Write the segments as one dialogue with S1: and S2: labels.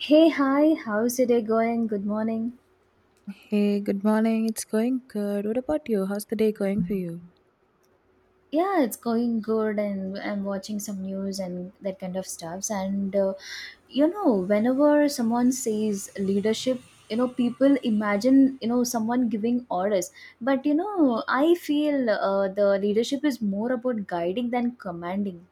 S1: Hey, hi, how's your day going? Good morning.
S2: Hey, good morning. It's going good. What about you? How's the day going for you?
S1: Yeah, it's going good, and I'm watching some news and that kind of stuffs. Whenever someone says leadership, people imagine someone giving orders. I feel the leadership is more about guiding than commanding.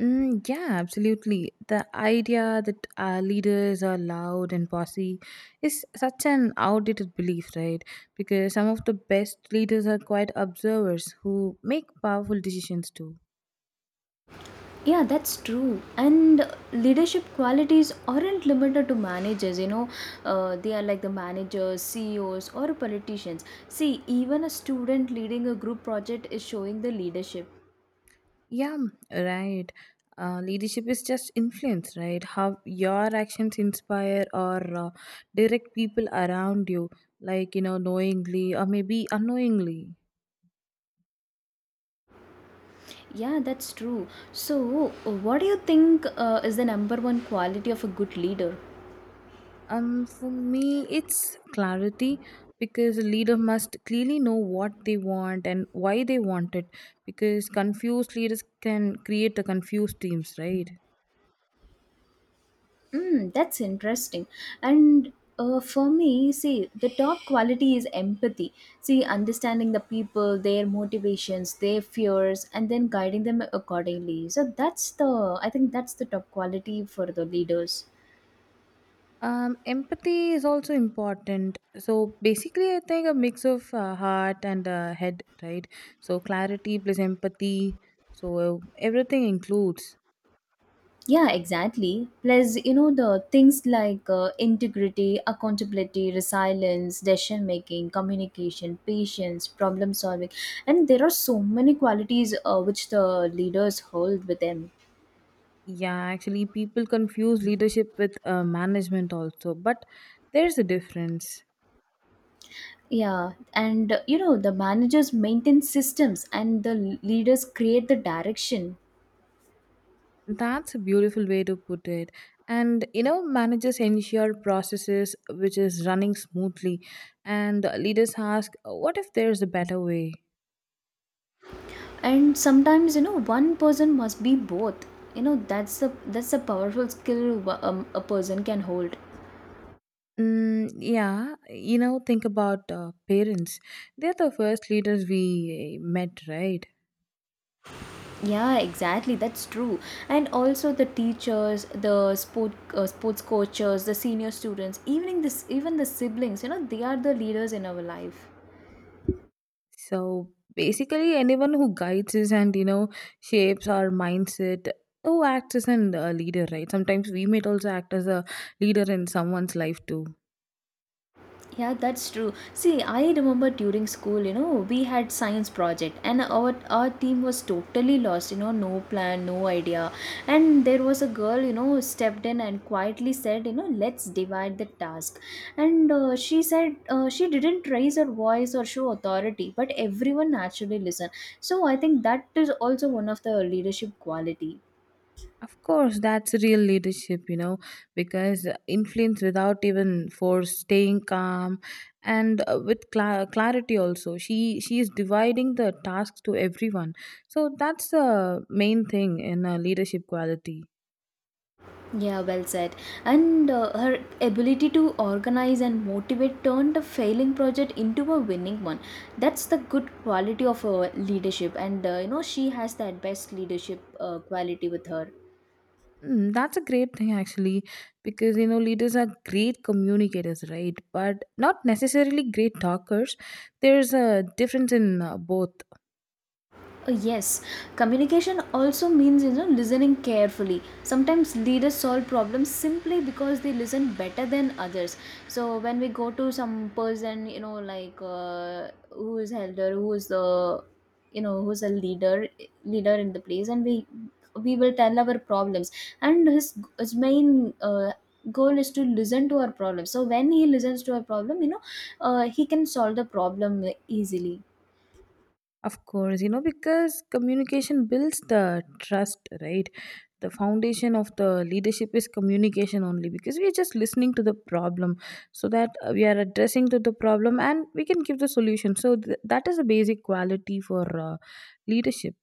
S2: Mm, yeah, absolutely. The idea that our leaders are loud and bossy is such an outdated belief, right? Because some of the best leaders are quite observers who make powerful decisions too.
S1: Yeah, that's true. And leadership qualities aren't limited to managers, they are like the managers, CEOs, or politicians. See, even a student leading a group project is showing the leadership.
S2: Yeah, right. Leadership is just influence, right? How your actions inspire or direct people around you, like, you know, knowingly or maybe unknowingly.
S1: Yeah, that's true. So, what do you think is the number one quality of a good leader?
S2: For me, it's clarity because a leader must clearly know what they want and why they want it. Because confused leaders can create a confused teams, right?
S1: Mm, that's interesting. And For me, see, the top quality is empathy. See, understanding the people, their motivations, their fears, and then guiding them accordingly. So I think that's the top quality for the leaders.
S2: Empathy is also important. So basically, I think a mix of heart and head, right? So clarity plus empathy. So everything includes.
S1: Yeah, exactly. Plus, the things like integrity, accountability, resilience, decision making, communication, patience, problem solving. And there are so many qualities which the leaders hold with them.
S2: Yeah, actually, people confuse leadership with management also, but there's a difference.
S1: The managers maintain systems and the leaders create the direction.
S2: That's a beautiful way to put it. And you know, managers ensure processes which is running smoothly, and leaders ask, "What if there's a better way?"
S1: And sometimes, you know, one person must be both. You know, that's a powerful skill a person can hold.
S2: Mm, yeah, you know, think about parents. They're the first leaders we met, right?
S1: Yeah, exactly. That's true. And also the teachers, the sports coaches, the senior students, even the even the siblings, you know, they are the leaders in our life.
S2: So basically, anyone who guides us and you know shapes our mindset, who acts as a leader, right? Sometimes we might also act as a leader in someone's life too.
S1: Yeah, that's true. See, I remember during school, you know, we had science project and our team was totally lost, you know, no plan, no idea. And there was a girl, you know, stepped in and quietly said, you know, let's divide the task. And She said she didn't raise her voice or show authority, but everyone naturally listened. So I think that is also one of the leadership quality.
S2: Of course, that's real leadership, you know, because influence without even force, staying calm, and with clarity also. She is dividing the tasks to everyone, so that's the main thing in leadership quality.
S1: Yeah, well said. And Her ability to organize and motivate turned a failing project into a winning one. That's the good quality of her leadership, and you know she has that best leadership quality with her.
S2: Mm, that's a great thing actually, because you know leaders are great communicators, right? But not necessarily great talkers. There's a difference in both.
S1: Yes, communication also means you know listening carefully. Sometimes leaders solve problems simply because they listen better than others. So when we go to some person, you know, like who is elder, who is the you know who's a leader in the place, and we will tell our problems, and his main. Goal is to listen to our problems so when he listens to our problem you know he can solve the problem easily.
S2: Of course, you know, because communication builds the trust, right? The foundation of the leadership is communication only because we are just listening to the problem so that we are addressing to the problem and we can give the solution. So that is a basic quality for leadership.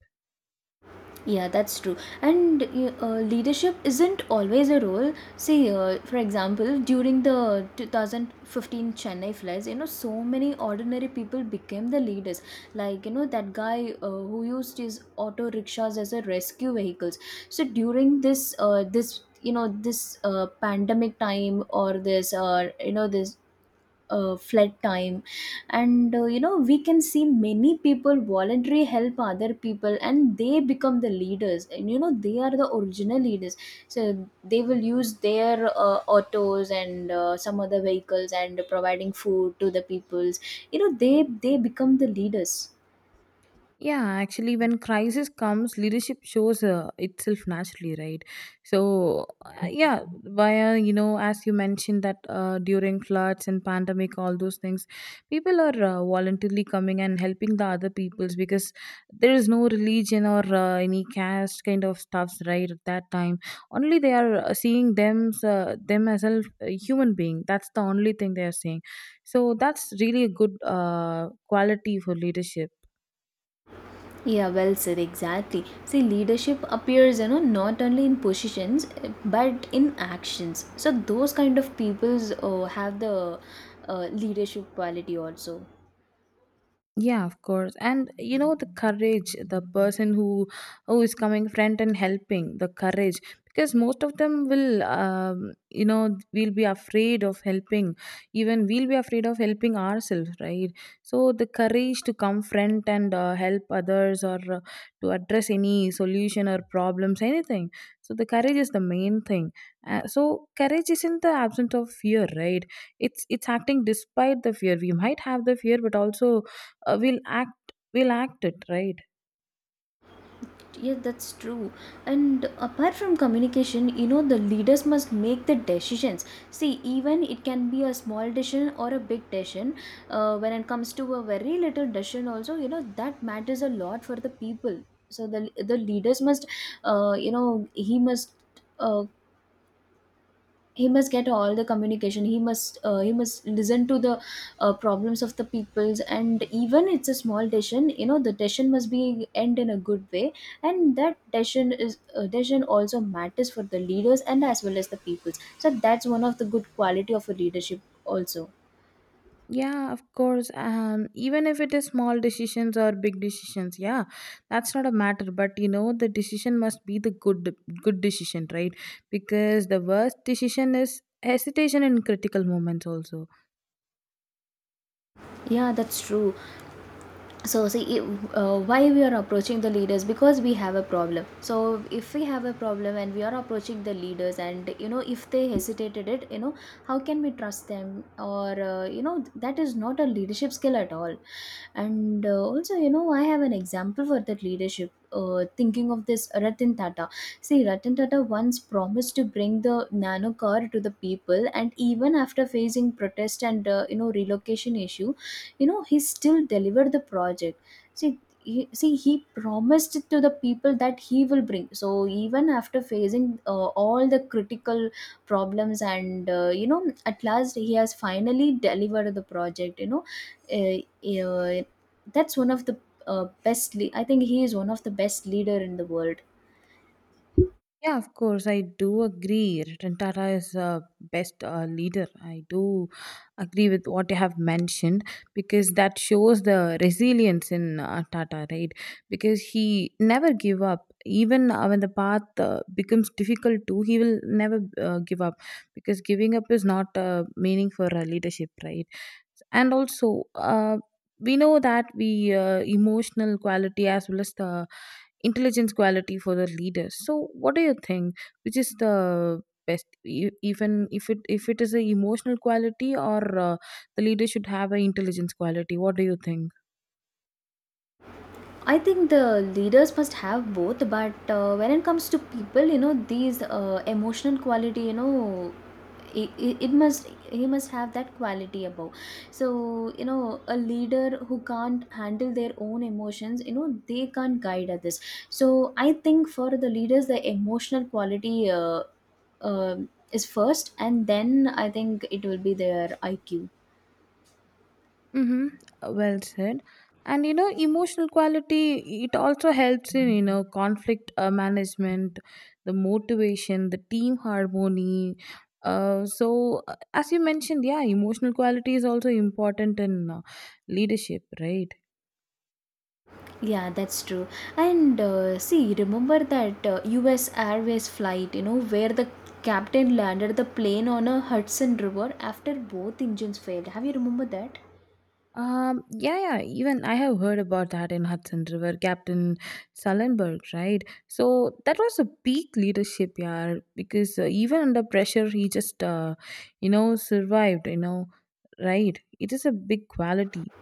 S1: Yeah, that's true. And Leadership isn't always a role. See, for example, during the 2015 Chennai floods, you know, so many ordinary people became the leaders. Like, you know, that guy who used his auto rickshaws as a rescue vehicles. So during this, this you know this pandemic time or this you know this flood time and you know we can see many people voluntarily help other people and they become the leaders and you know they are the original leaders so they will use their autos and some other vehicles and providing food to the peoples you know they become the leaders.
S2: Yeah, actually, when crisis comes, leadership shows itself naturally, right? So, yeah, via you know, as you mentioned that during floods and pandemic, all those things, people are voluntarily coming and helping the other peoples because there is no religion or any caste kind of stuffs, right? At that time, only they are seeing them them as a human being. That's the only thing they are seeing. So that's really a good quality for leadership.
S1: Yeah, well said, exactly. See, leadership appears, you know, not only in positions but in actions. So, those kind of peoples have the leadership quality also.
S2: Yeah, of course, and you know the courage, the person who is coming front and helping the courage, because most of them will, you know, we will be afraid of helping, even we'll be afraid of helping ourselves, right? So the courage to come front and help others or to address any solution or problems anything. So the courage is the main thing. So courage isn't the absence of fear, right? It's acting despite the fear. We might have the fear, but also we'll act it, right?
S1: Yes, that's true. And apart from communication you know the leaders must make the decisions. See even it can be a small decision or a big decision. When it comes to a very little decision also you know that matters a lot for the people. So the leaders must he must uh, he must get all the communication. He must he must listen to the problems of the peoples, and even it's a small decision you know the decision must be end in a good way. And that decision is decision also matters for the leaders and as well as the peoples, so that's one of the good quality of a leadership also.
S2: Yeah, of course. Um, even if it is small decisions or big decisions, yeah, that's not a matter, but you know the decision must be the good decision right? Because the worst decision is hesitation in critical moments also.
S1: Yeah, that's true. So see, why we are approaching the leaders? Because we have a problem. So if we have a problem and we are approaching the leaders and you know if they hesitated it you know how can we trust them? Or You know, that is not a leadership skill at all. And also you know I have an example for that leadership, thinking of this Ratan Tata. See, Ratan Tata once promised to bring the nano car to the people, and even after facing protest and you know relocation issue, you know he still delivered the project. See, see he promised it to the people that he will bring. So even after facing all the critical problems and you know at last he has finally delivered the project, you know, uh, uh, that's one of the I think he is one of the best leader in the world.
S2: Yeah, of course, I do agree. Ratan Tata is a best leader. I do agree with what you have mentioned because that shows the resilience in Tata, right? Because he never give up. Even when the path becomes difficult too, he will never give up because giving up is not meaning for leadership, right? And also, we know that we emotional quality as well as the intelligence quality for the leaders. So what do you think which is the best? Even if it is a emotional quality or the leader should have a intelligence quality, what do you think?
S1: I think the leaders must have both, but when it comes to people, you know, these emotional quality, you know, it must he must have that quality above. So you know, a leader who can't handle their own emotions, you know, they can't guide others. So I think for the leaders, the emotional quality uh, is first, and then I think it will be their IQ.
S2: Mm-hmm. Well said. And you know, emotional quality, it also helps in, you know, conflict management, the motivation, the team harmony. So, as you mentioned, yeah, emotional quality is also important in leadership, right?
S1: Yeah, that's true. And see, remember that US Airways flight, you know, where the captain landed the plane on a Hudson River after both engines failed. Have you remember that?
S2: Yeah, yeah, even I have heard about that in Hudson River, Captain Sullenberg, right? So that was a peak leadership, yeah, because even under pressure, he just, you know, survived, you know, right? It is a big quality.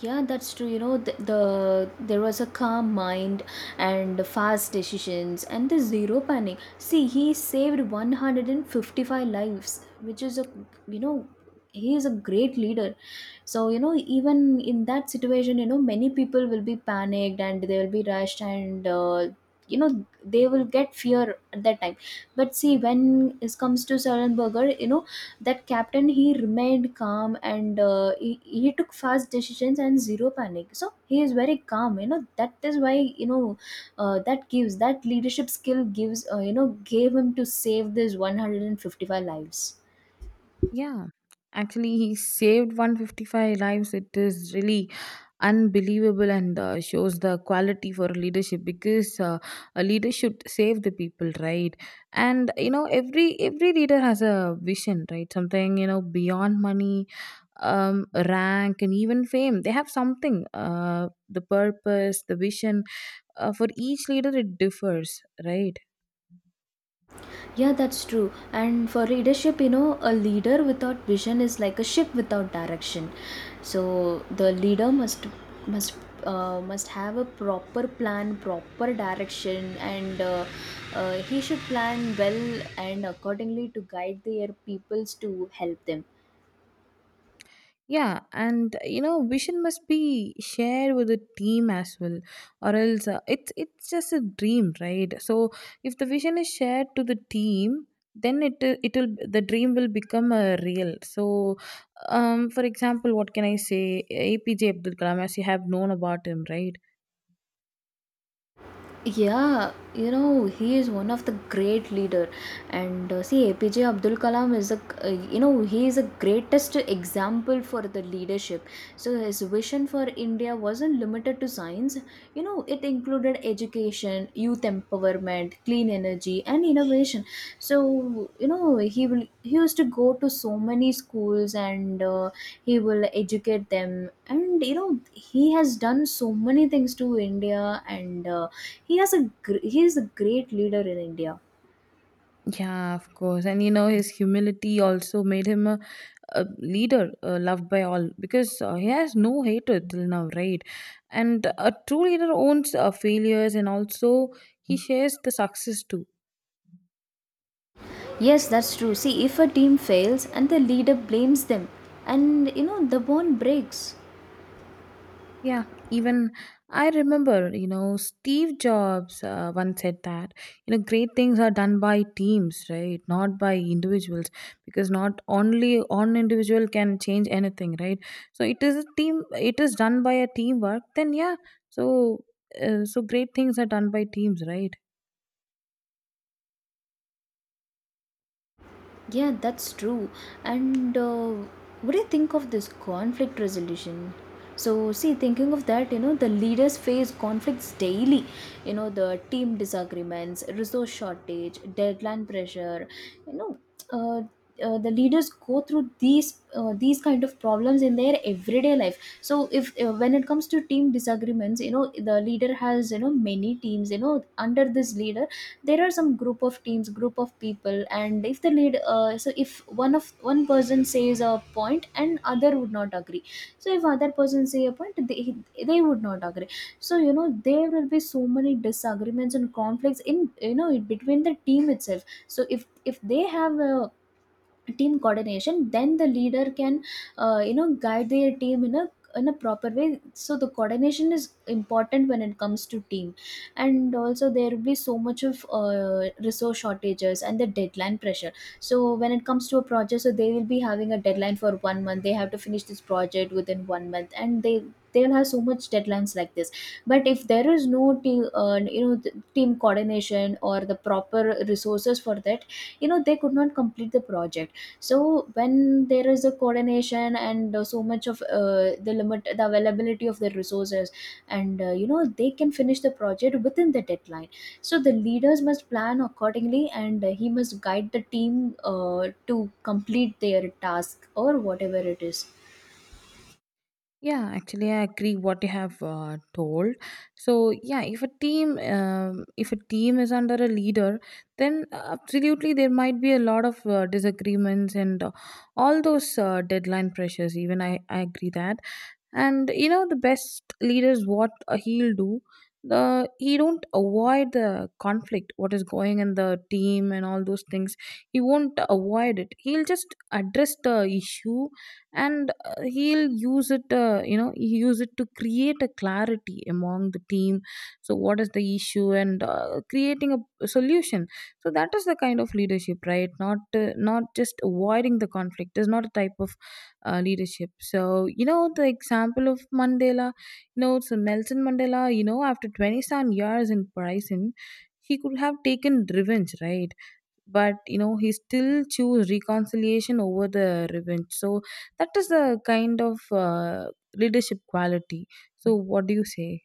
S1: Yeah, that's true. You know, there was a calm mind and fast decisions and the zero panic. See, he saved 155 lives, which is a you know, he is a great leader. So, you know, even in that situation, you know, many people will be panicked and they will be rushed and you know, they will get fear at that time. But see, when it comes to Sarenberger, you know, that captain he remained calm and he took fast decisions and zero panic, so he is very calm you know that is why you know that gives that leadership skill gives you know gave him to save this 155 lives.
S2: Yeah, actually, he saved 155 lives. It is really unbelievable and shows the quality for leadership because a leader should save the people, right? And you know, every leader has a vision, right? Something you know beyond money, um, rank and even fame. They have something, uh, the purpose, the vision. For each leader it differs, right?
S1: Yeah, that's true. And for leadership, you know, a leader without vision is like a ship without direction. So the leader must must have a proper plan, proper direction, and he should plan well and accordingly to guide their peoples to help them.
S2: Yeah, and you know, vision must be shared with the team as well, or else it's just a dream, right? So if the vision is shared to the team, then it'll the dream will become a real. So, for example, what can I say? APJ Abdul Kalam, as you have known about him, right?
S1: Yeah, you know he is one of the great leader. And see, APJ Abdul Kalam is a you know he is a greatest example for the leadership. So his vision for India wasn't limited to science, you know, it included education, youth empowerment, clean energy and innovation. So you know he used to go to so many schools and he will educate them and you know he has done so many things to India. And he has a he is a great leader in India.
S2: Yeah, of course. And you know, his humility also made him a leader loved by all because he has no hatred till now, right? And a true leader owns failures and also he shares the success too.
S1: Yes, that's true. See, if a team fails and the leader blames them, and you know the bond breaks.
S2: Yeah, even I remember, you know, Steve Jobs once said that, you know, great things are done by teams, right? Not by individuals, because not only one individual can change anything, right? So it is a team, it is done by a teamwork, then yeah, so. So great things are done by teams, right?
S1: Yeah, that's true. And what do you think of this conflict resolution? So, see, thinking of that, you know, the leaders face conflicts daily. You know, the team disagreements, resource shortage, deadline pressure, you know. Uh, the leaders go through these kind of problems in their everyday life. So if when it comes to team disagreements, you know, the leader has, you know, many teams, you know, under this leader. There are some group of teams, group of people. And if the lead so if one person says a point and other would not agree. So if other person say a point, they would not agree. So you know, there will be so many disagreements and conflicts in, you know, between the team itself. So if they have a team coordination, then the leader can you know, guide their team in a proper way. So the coordination is important when it comes to team. And also there will be so much of resource shortages and the deadline pressure. So when it comes to a project, so they will be having a deadline for one month. They have to finish this project within one month, and they'll have so much deadlines like this. But if there is no team you know, the team coordination or the proper resources for that, you know, they could not complete the project. So when there is a coordination and so much of the availability of the resources, and you know, they can finish the project within the deadline. So the leaders must plan accordingly, and he must guide the team to complete their task or whatever it is.
S2: Yeah, actually, I agree what you have told. So, yeah, if a team is under a leader, then absolutely there might be a lot of disagreements and all those deadline pressures. Even I agree that. And you know, the best leaders, what he'll do, the he don't avoid the conflict what is going in the team and all those things. He won't avoid it, he'll just address the issue, and he'll use it, you know, he use it to create a clarity among the team. So what is the issue and creating a solution. So that is the kind of leadership, right? Not not just avoiding the conflict is not a type of leadership. So, you know, the example of Mandela, you know, so Nelson Mandela, you know, after 27 years in prison, he could have taken revenge, right? But, you know, he still chose reconciliation over the revenge. So, that is the kind of leadership quality. So, what do you say?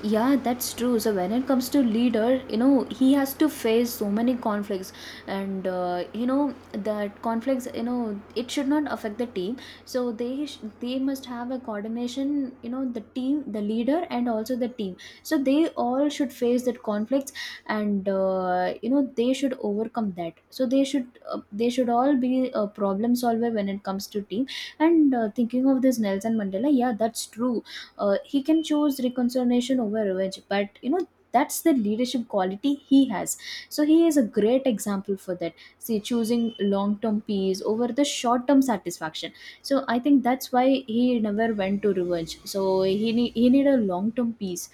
S1: Yeah, that's true. So when it comes to leader, you know, he has to face so many conflicts, and you know, that conflicts, you know, it should not affect the team. So they must have a coordination, you know, the team, the leader, and also the team. So they all should face that conflicts, and you know, they should overcome that. So they should all be a problem solver when it comes to team. And thinking of this Nelson Mandela, yeah, that's true. He can choose reconciliation over revenge, but you know, that's the leadership quality he has. So he is a great example for that. See, choosing long term peace over the short term satisfaction. So I think that's why he never went to revenge. So he need a long term peace.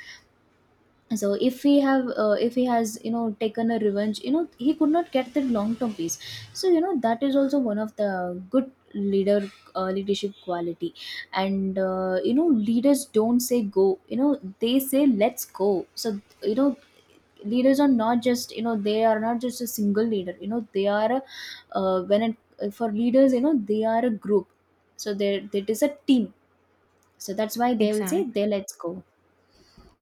S1: So if he has, you know, taken a revenge, you know, he could not get the long term peace. So you know, that is also one of the good leader leadership quality. And you know, leaders don't say go, you know, they say let's go. So you know, leaders are not just you know they are not just a single leader, you know, they are a, when it, for leaders, you know, they are a group. So there, it is a team. So that's why they will say they
S2: Exactly.
S1: let's go.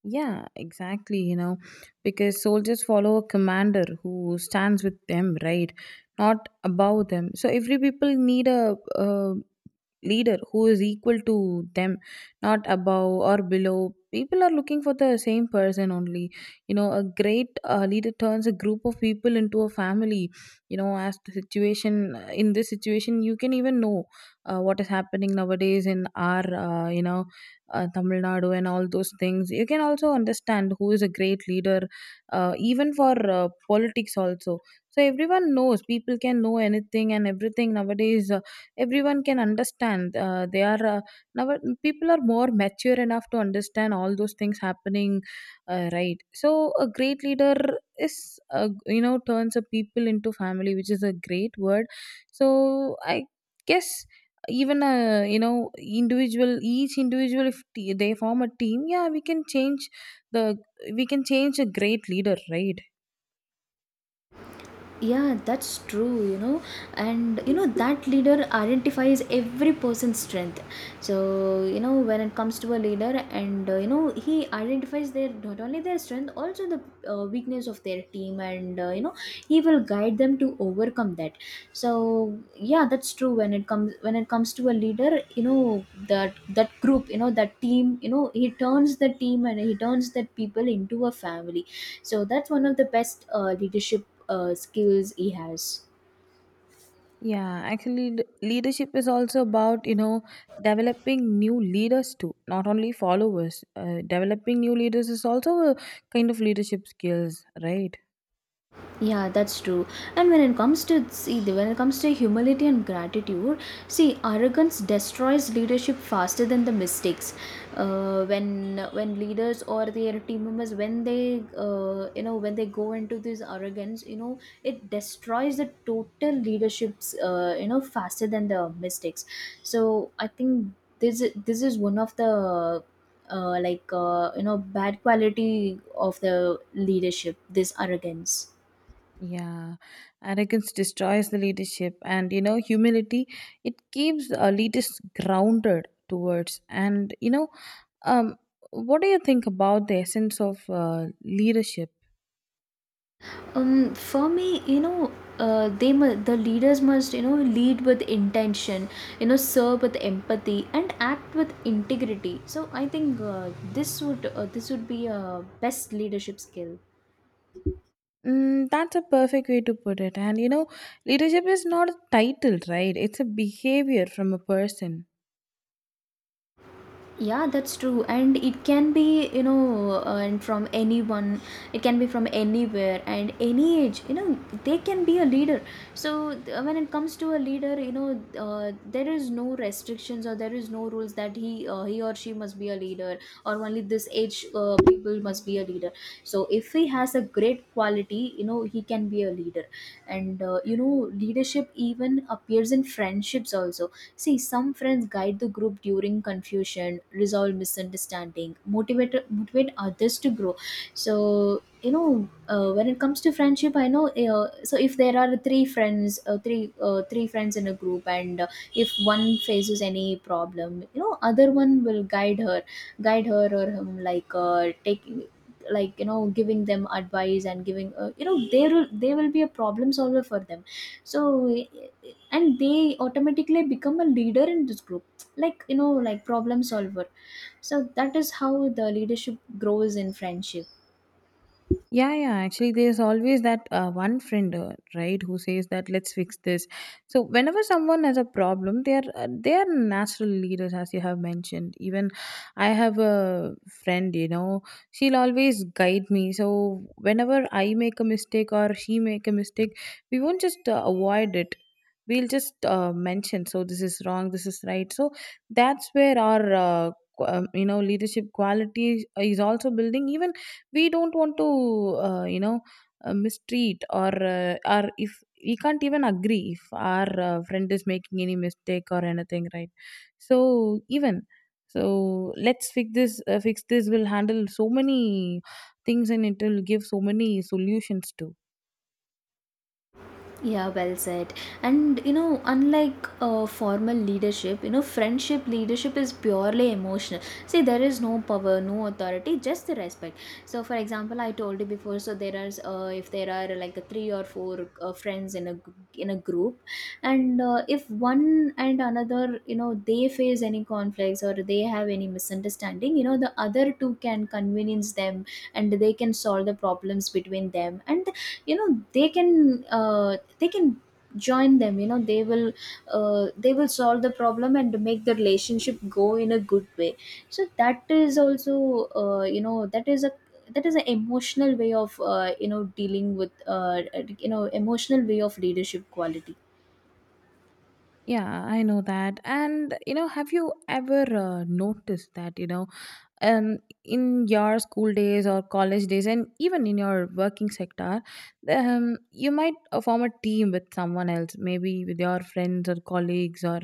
S2: Yeah, exactly. You know, because soldiers follow a commander who stands with them, right? Not above them. So every people need a leader who is equal to them, not above or below. People are looking for the same person only. You know, a great leader turns a group of people into a family. You know, as the situation, in this situation, you can even know what is happening nowadays in our, you know, Tamil Nadu and all those things, you can also understand who is a great leader, even for politics also. So everyone knows, people can know anything and everything nowadays. Everyone can understand, they are, now, people are more mature enough to understand all those things happening, right? So a great leader is, you know, turns a people into family, which is a great word. So I guess, even, you know, individual, each individual, if they form a team, yeah, we can change the, we can change a great leader, right?
S1: Yeah, that's true, you know. And you know, that leader identifies every person's strength. So you know, when it comes to a leader, and you know, he identifies their, not only their strength, also the weakness of their team. And you know, he will guide them to overcome that. So yeah, that's true. When it comes to a leader, you know, that group, you know, that team, you know, he turns the team and he turns the people into a family. So that's one of the best leadership skills he has.
S2: Yeah, actually, leadership is also about, you know, developing new leaders too, not only followers. Developing new leaders is also a kind of leadership skills, right?
S1: Yeah, that's true. And when it comes to humility and gratitude, see, arrogance destroys leadership faster than the mistakes. Uh, when when leaders or their team members, when they you know, when they go into this arrogance, you know, it destroys the total leaderships. You know, faster than the mistakes. So I think this is one of the like, you know, bad quality of the leadership. This arrogance.
S2: Yeah, arrogance destroys the leadership, and you know, humility it keeps leaders grounded towards. And you know, um, what do you think about the essence of leadership?
S1: For me, you know, the leaders must, you know, lead with intention, you know, serve with empathy and act with integrity. So I think this would be a best leadership skill.
S2: Mm, that's a perfect way to put it. And you know, leadership is not a title, right? It's a behavior from a person.
S1: Yeah, that's true. And it can be, you know, and from anyone, it can be from anywhere and any age, you know, they can be a leader. So, when it comes to a leader, you know, there is no restrictions or there is no rules that he or she must be a leader or only this age people must be a leader. So, if he has a great quality, you know, he can be a leader. And, you know, leadership even appears in friendships also. See, some friends guide the group during confusion, resolve misunderstanding, motivate others to grow. So you know, when it comes to friendship, I know. So if there are three friends in a group, and if one faces any problem, you know, other one will guide her or him, like taking, like, you know, giving them advice and giving, you know, there will they will be a problem solver for them. So, and they automatically become a leader in this group, like, you know, like problem solver. So that is how the leadership grows in friendship.
S2: Yeah, yeah. Actually, there's always that one friend, right, who says that let's fix this. So whenever someone has a problem, they are natural leaders, as you have mentioned. Even I have a friend, you know, she'll always guide me. So whenever I make a mistake or she make a mistake, we won't just avoid it. We'll just mention, so this is wrong, this is right. So that's where our leadership quality is also building, even we don't want to uh, you know mistreat or if we can't even agree if our friend is making any mistake or anything, right? So even, so let's fix this, fix this will handle so many things, and it will give so many solutions too.
S1: Yeah, well said. And you know, unlike formal leadership, you know, friendship leadership is purely emotional. See, there is no power, no authority, just the respect. So for example, I told you before. So there are if there are like three or four friends in a group, and if one and another, you know, they face any conflicts or they have any misunderstanding, you know, the other two can convenience them. And they can solve the problems between them, and you know, they can join them, you know, they will solve the problem and make the relationship go in a good way. So that is also, you know, that is an emotional way of, you know, dealing with, you know, emotional way of leadership quality.
S2: Yeah, I know that. And you know, have you ever noticed that, um, in your school days or college days, and even in your working sector, you might form a team with someone else, maybe with your friends or colleagues or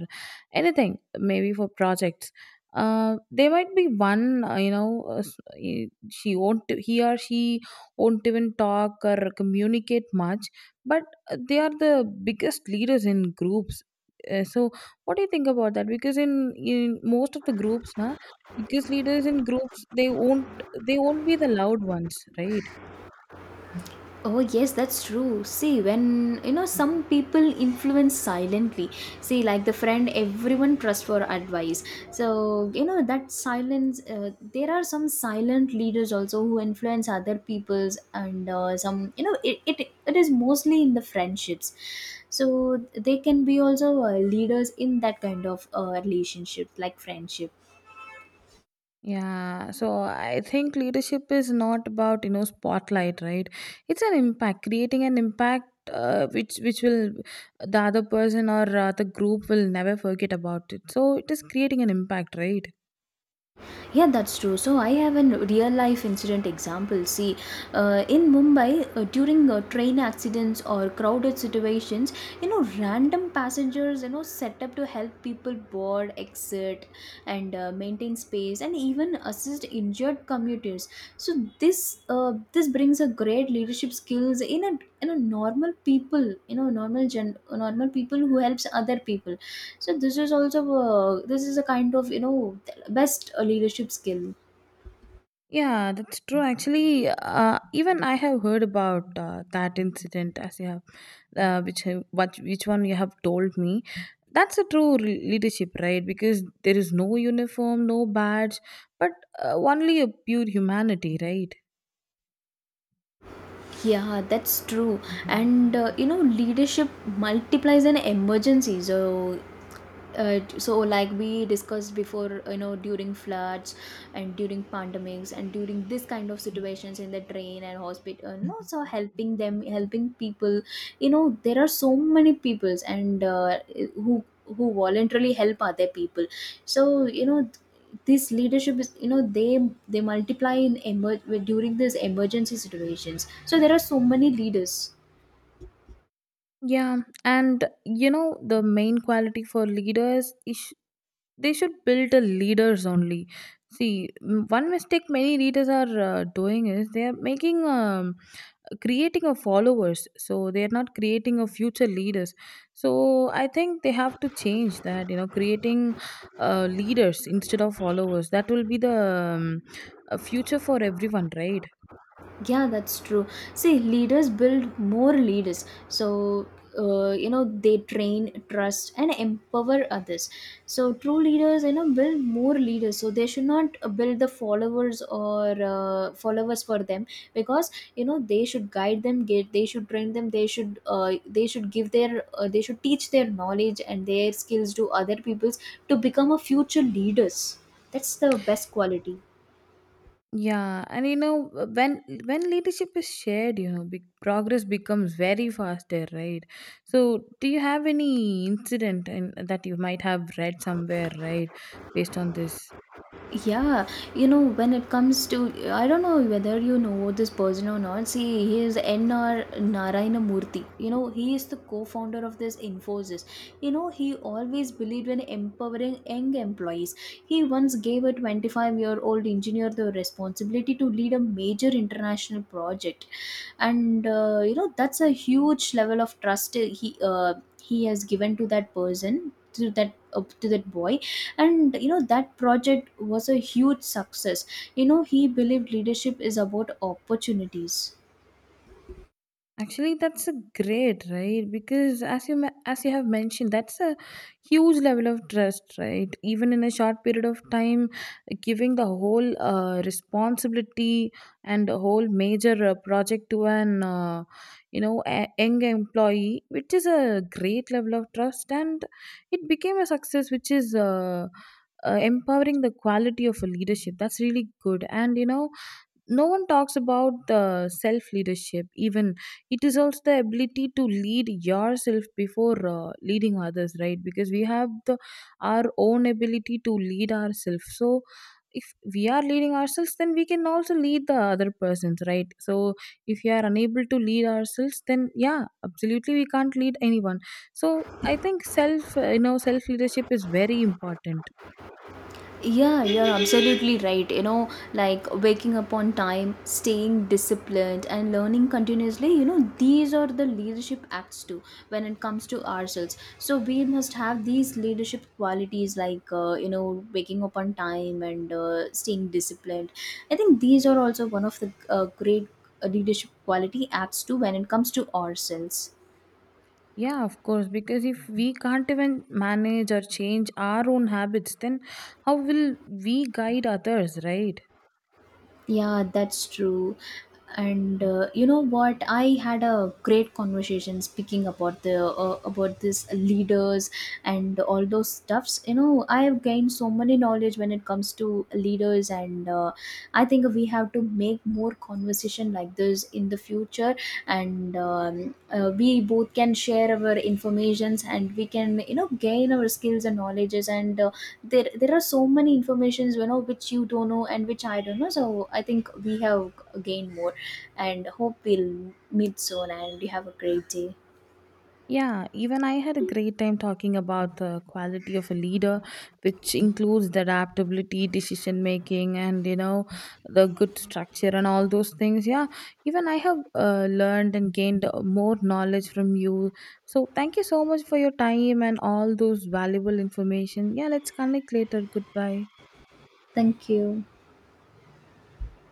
S2: anything, maybe for projects. There might be one, she won't, he or she won't even talk or communicate much, but they are the biggest leaders in groups. So what do you think about that? Because in most of the groups, now, because leaders in groups, they won't, they won't be the loud ones, right?
S1: Oh, yes, that's true. See, when you know some people influence silently, see, like the friend everyone trusts for advice. So, you know, that silence, there are some silent leaders also who influence other people's, and some, you know, it is mostly in the friendships. So, they can be also leaders in that kind of relationship, like friendship.
S2: Yeah, so I think leadership is not about, you know, spotlight, right? It's an impact, creating an impact, which will, the other person or the group, will never forget about it. So it is creating an impact, right?
S1: Yeah, that's true. So I have a real life incident example. See, in Mumbai, during train accidents or crowded situations, you know, random passengers, you know, set up to help people board, exit, and maintain space, and even assist injured commuters. So this brings a great leadership skills in a, you know, normal people, you know, normal people who helps other people. So this is a kind of, you know, best leadership skill.
S2: Yeah, that's true. Actually, even I have heard about that incident as you have, what, which one you have told me. That's a true leadership, right? Because there is no uniform, no badge, but only a pure humanity, right?
S1: Yeah, that's true. And you know, leadership multiplies an emergency. So, uh, so like we discussed before, you know, during floods and during pandemics and during this kind of situations in the train and hospital, you know, so helping them, helping people. You know, there are so many peoples and who who voluntarily help other people. So you know, this leadership is, you know, they multiply during these emergency situations. So there are so many leaders.
S2: Yeah, and you know the main quality for leaders is they should build the leaders only. See, one mistake many leaders are doing is they are making, creating of followers, so they are not creating of future leaders. So I think they have to change that, you know, creating leaders instead of followers. That will be the future for everyone, right?
S1: Yeah, that's true. See, leaders build more leaders. So you know, they train, trust, and empower others. So true leaders, you know, build more leaders. So they should not build the followers or followers for them, because you know, they should guide them, get they should train them, they should teach their knowledge and their skills to other peoples to become a future leaders. That's the best quality.
S2: Yeah, and you know, when leadership is shared, you know, big progress becomes very faster, right? So do you have any incident and that you might have read somewhere, right, based on this?
S1: Yeah, you know, when it comes to, I don't know whether you know this person or not. See, he is N.R. Narayana Murthy. You know, he is the co founder of this Infosys. You know, he always believed in empowering young employees. He once gave a 25-year-old engineer the responsibility to lead a major international project. And, you know, that's a huge level of trust he has given to that person. To that boy, and you know, that project was a huge success. You know, he believed leadership is about opportunities.
S2: Actually, that's a great, right? Because as you as you have mentioned, that's a huge level of trust, right? Even in a short period of time, giving the whole responsibility and a whole major project to an young employee, which is a great level of trust, and it became a success, which is. Empowering the quality of a leadership, that's really good. And you know, no one talks about the self leadership, even it is also the ability to lead yourself before leading others, right? Because we have the, our own ability to lead ourselves. So if we are leading ourselves, then we can also lead the other persons, right? So if we are unable to lead ourselves, then yeah, absolutely we can't lead anyone. So I think self you know self leadership is very important.
S1: Yeah, you're absolutely right. You know, like waking up on time, staying disciplined, and learning continuously, you know, these are the leadership acts too when it comes to ourselves. So we must have these leadership qualities like, you know, waking up on time and staying disciplined. I think these are also one of the great leadership quality acts too when it comes to ourselves.
S2: Yeah, of course, because if we can't even manage or change our own habits, then how will we guide others, right?
S1: Yeah, that's true. And you know what? I had a great conversation speaking about the about this leaders and all those stuffs. You know, I have gained so many knowledge when it comes to leaders, and I think we have to make more conversation like this in the future. And we both can share our informations, and we can, you know, gain our skills and knowledges and there are so many informations, you know, which you don't know and which I don't know. So I think we have gained more, and hope we'll meet soon, and you have a great day.
S2: Yeah, even I had a great time talking about the quality of a leader, which includes the adaptability, decision making, and you know, the good structure and all those things. Yeah, even I have learned and gained more knowledge from you. So thank you so much for your time and all those valuable information. Yeah, let's connect later. Goodbye.
S1: Thank you.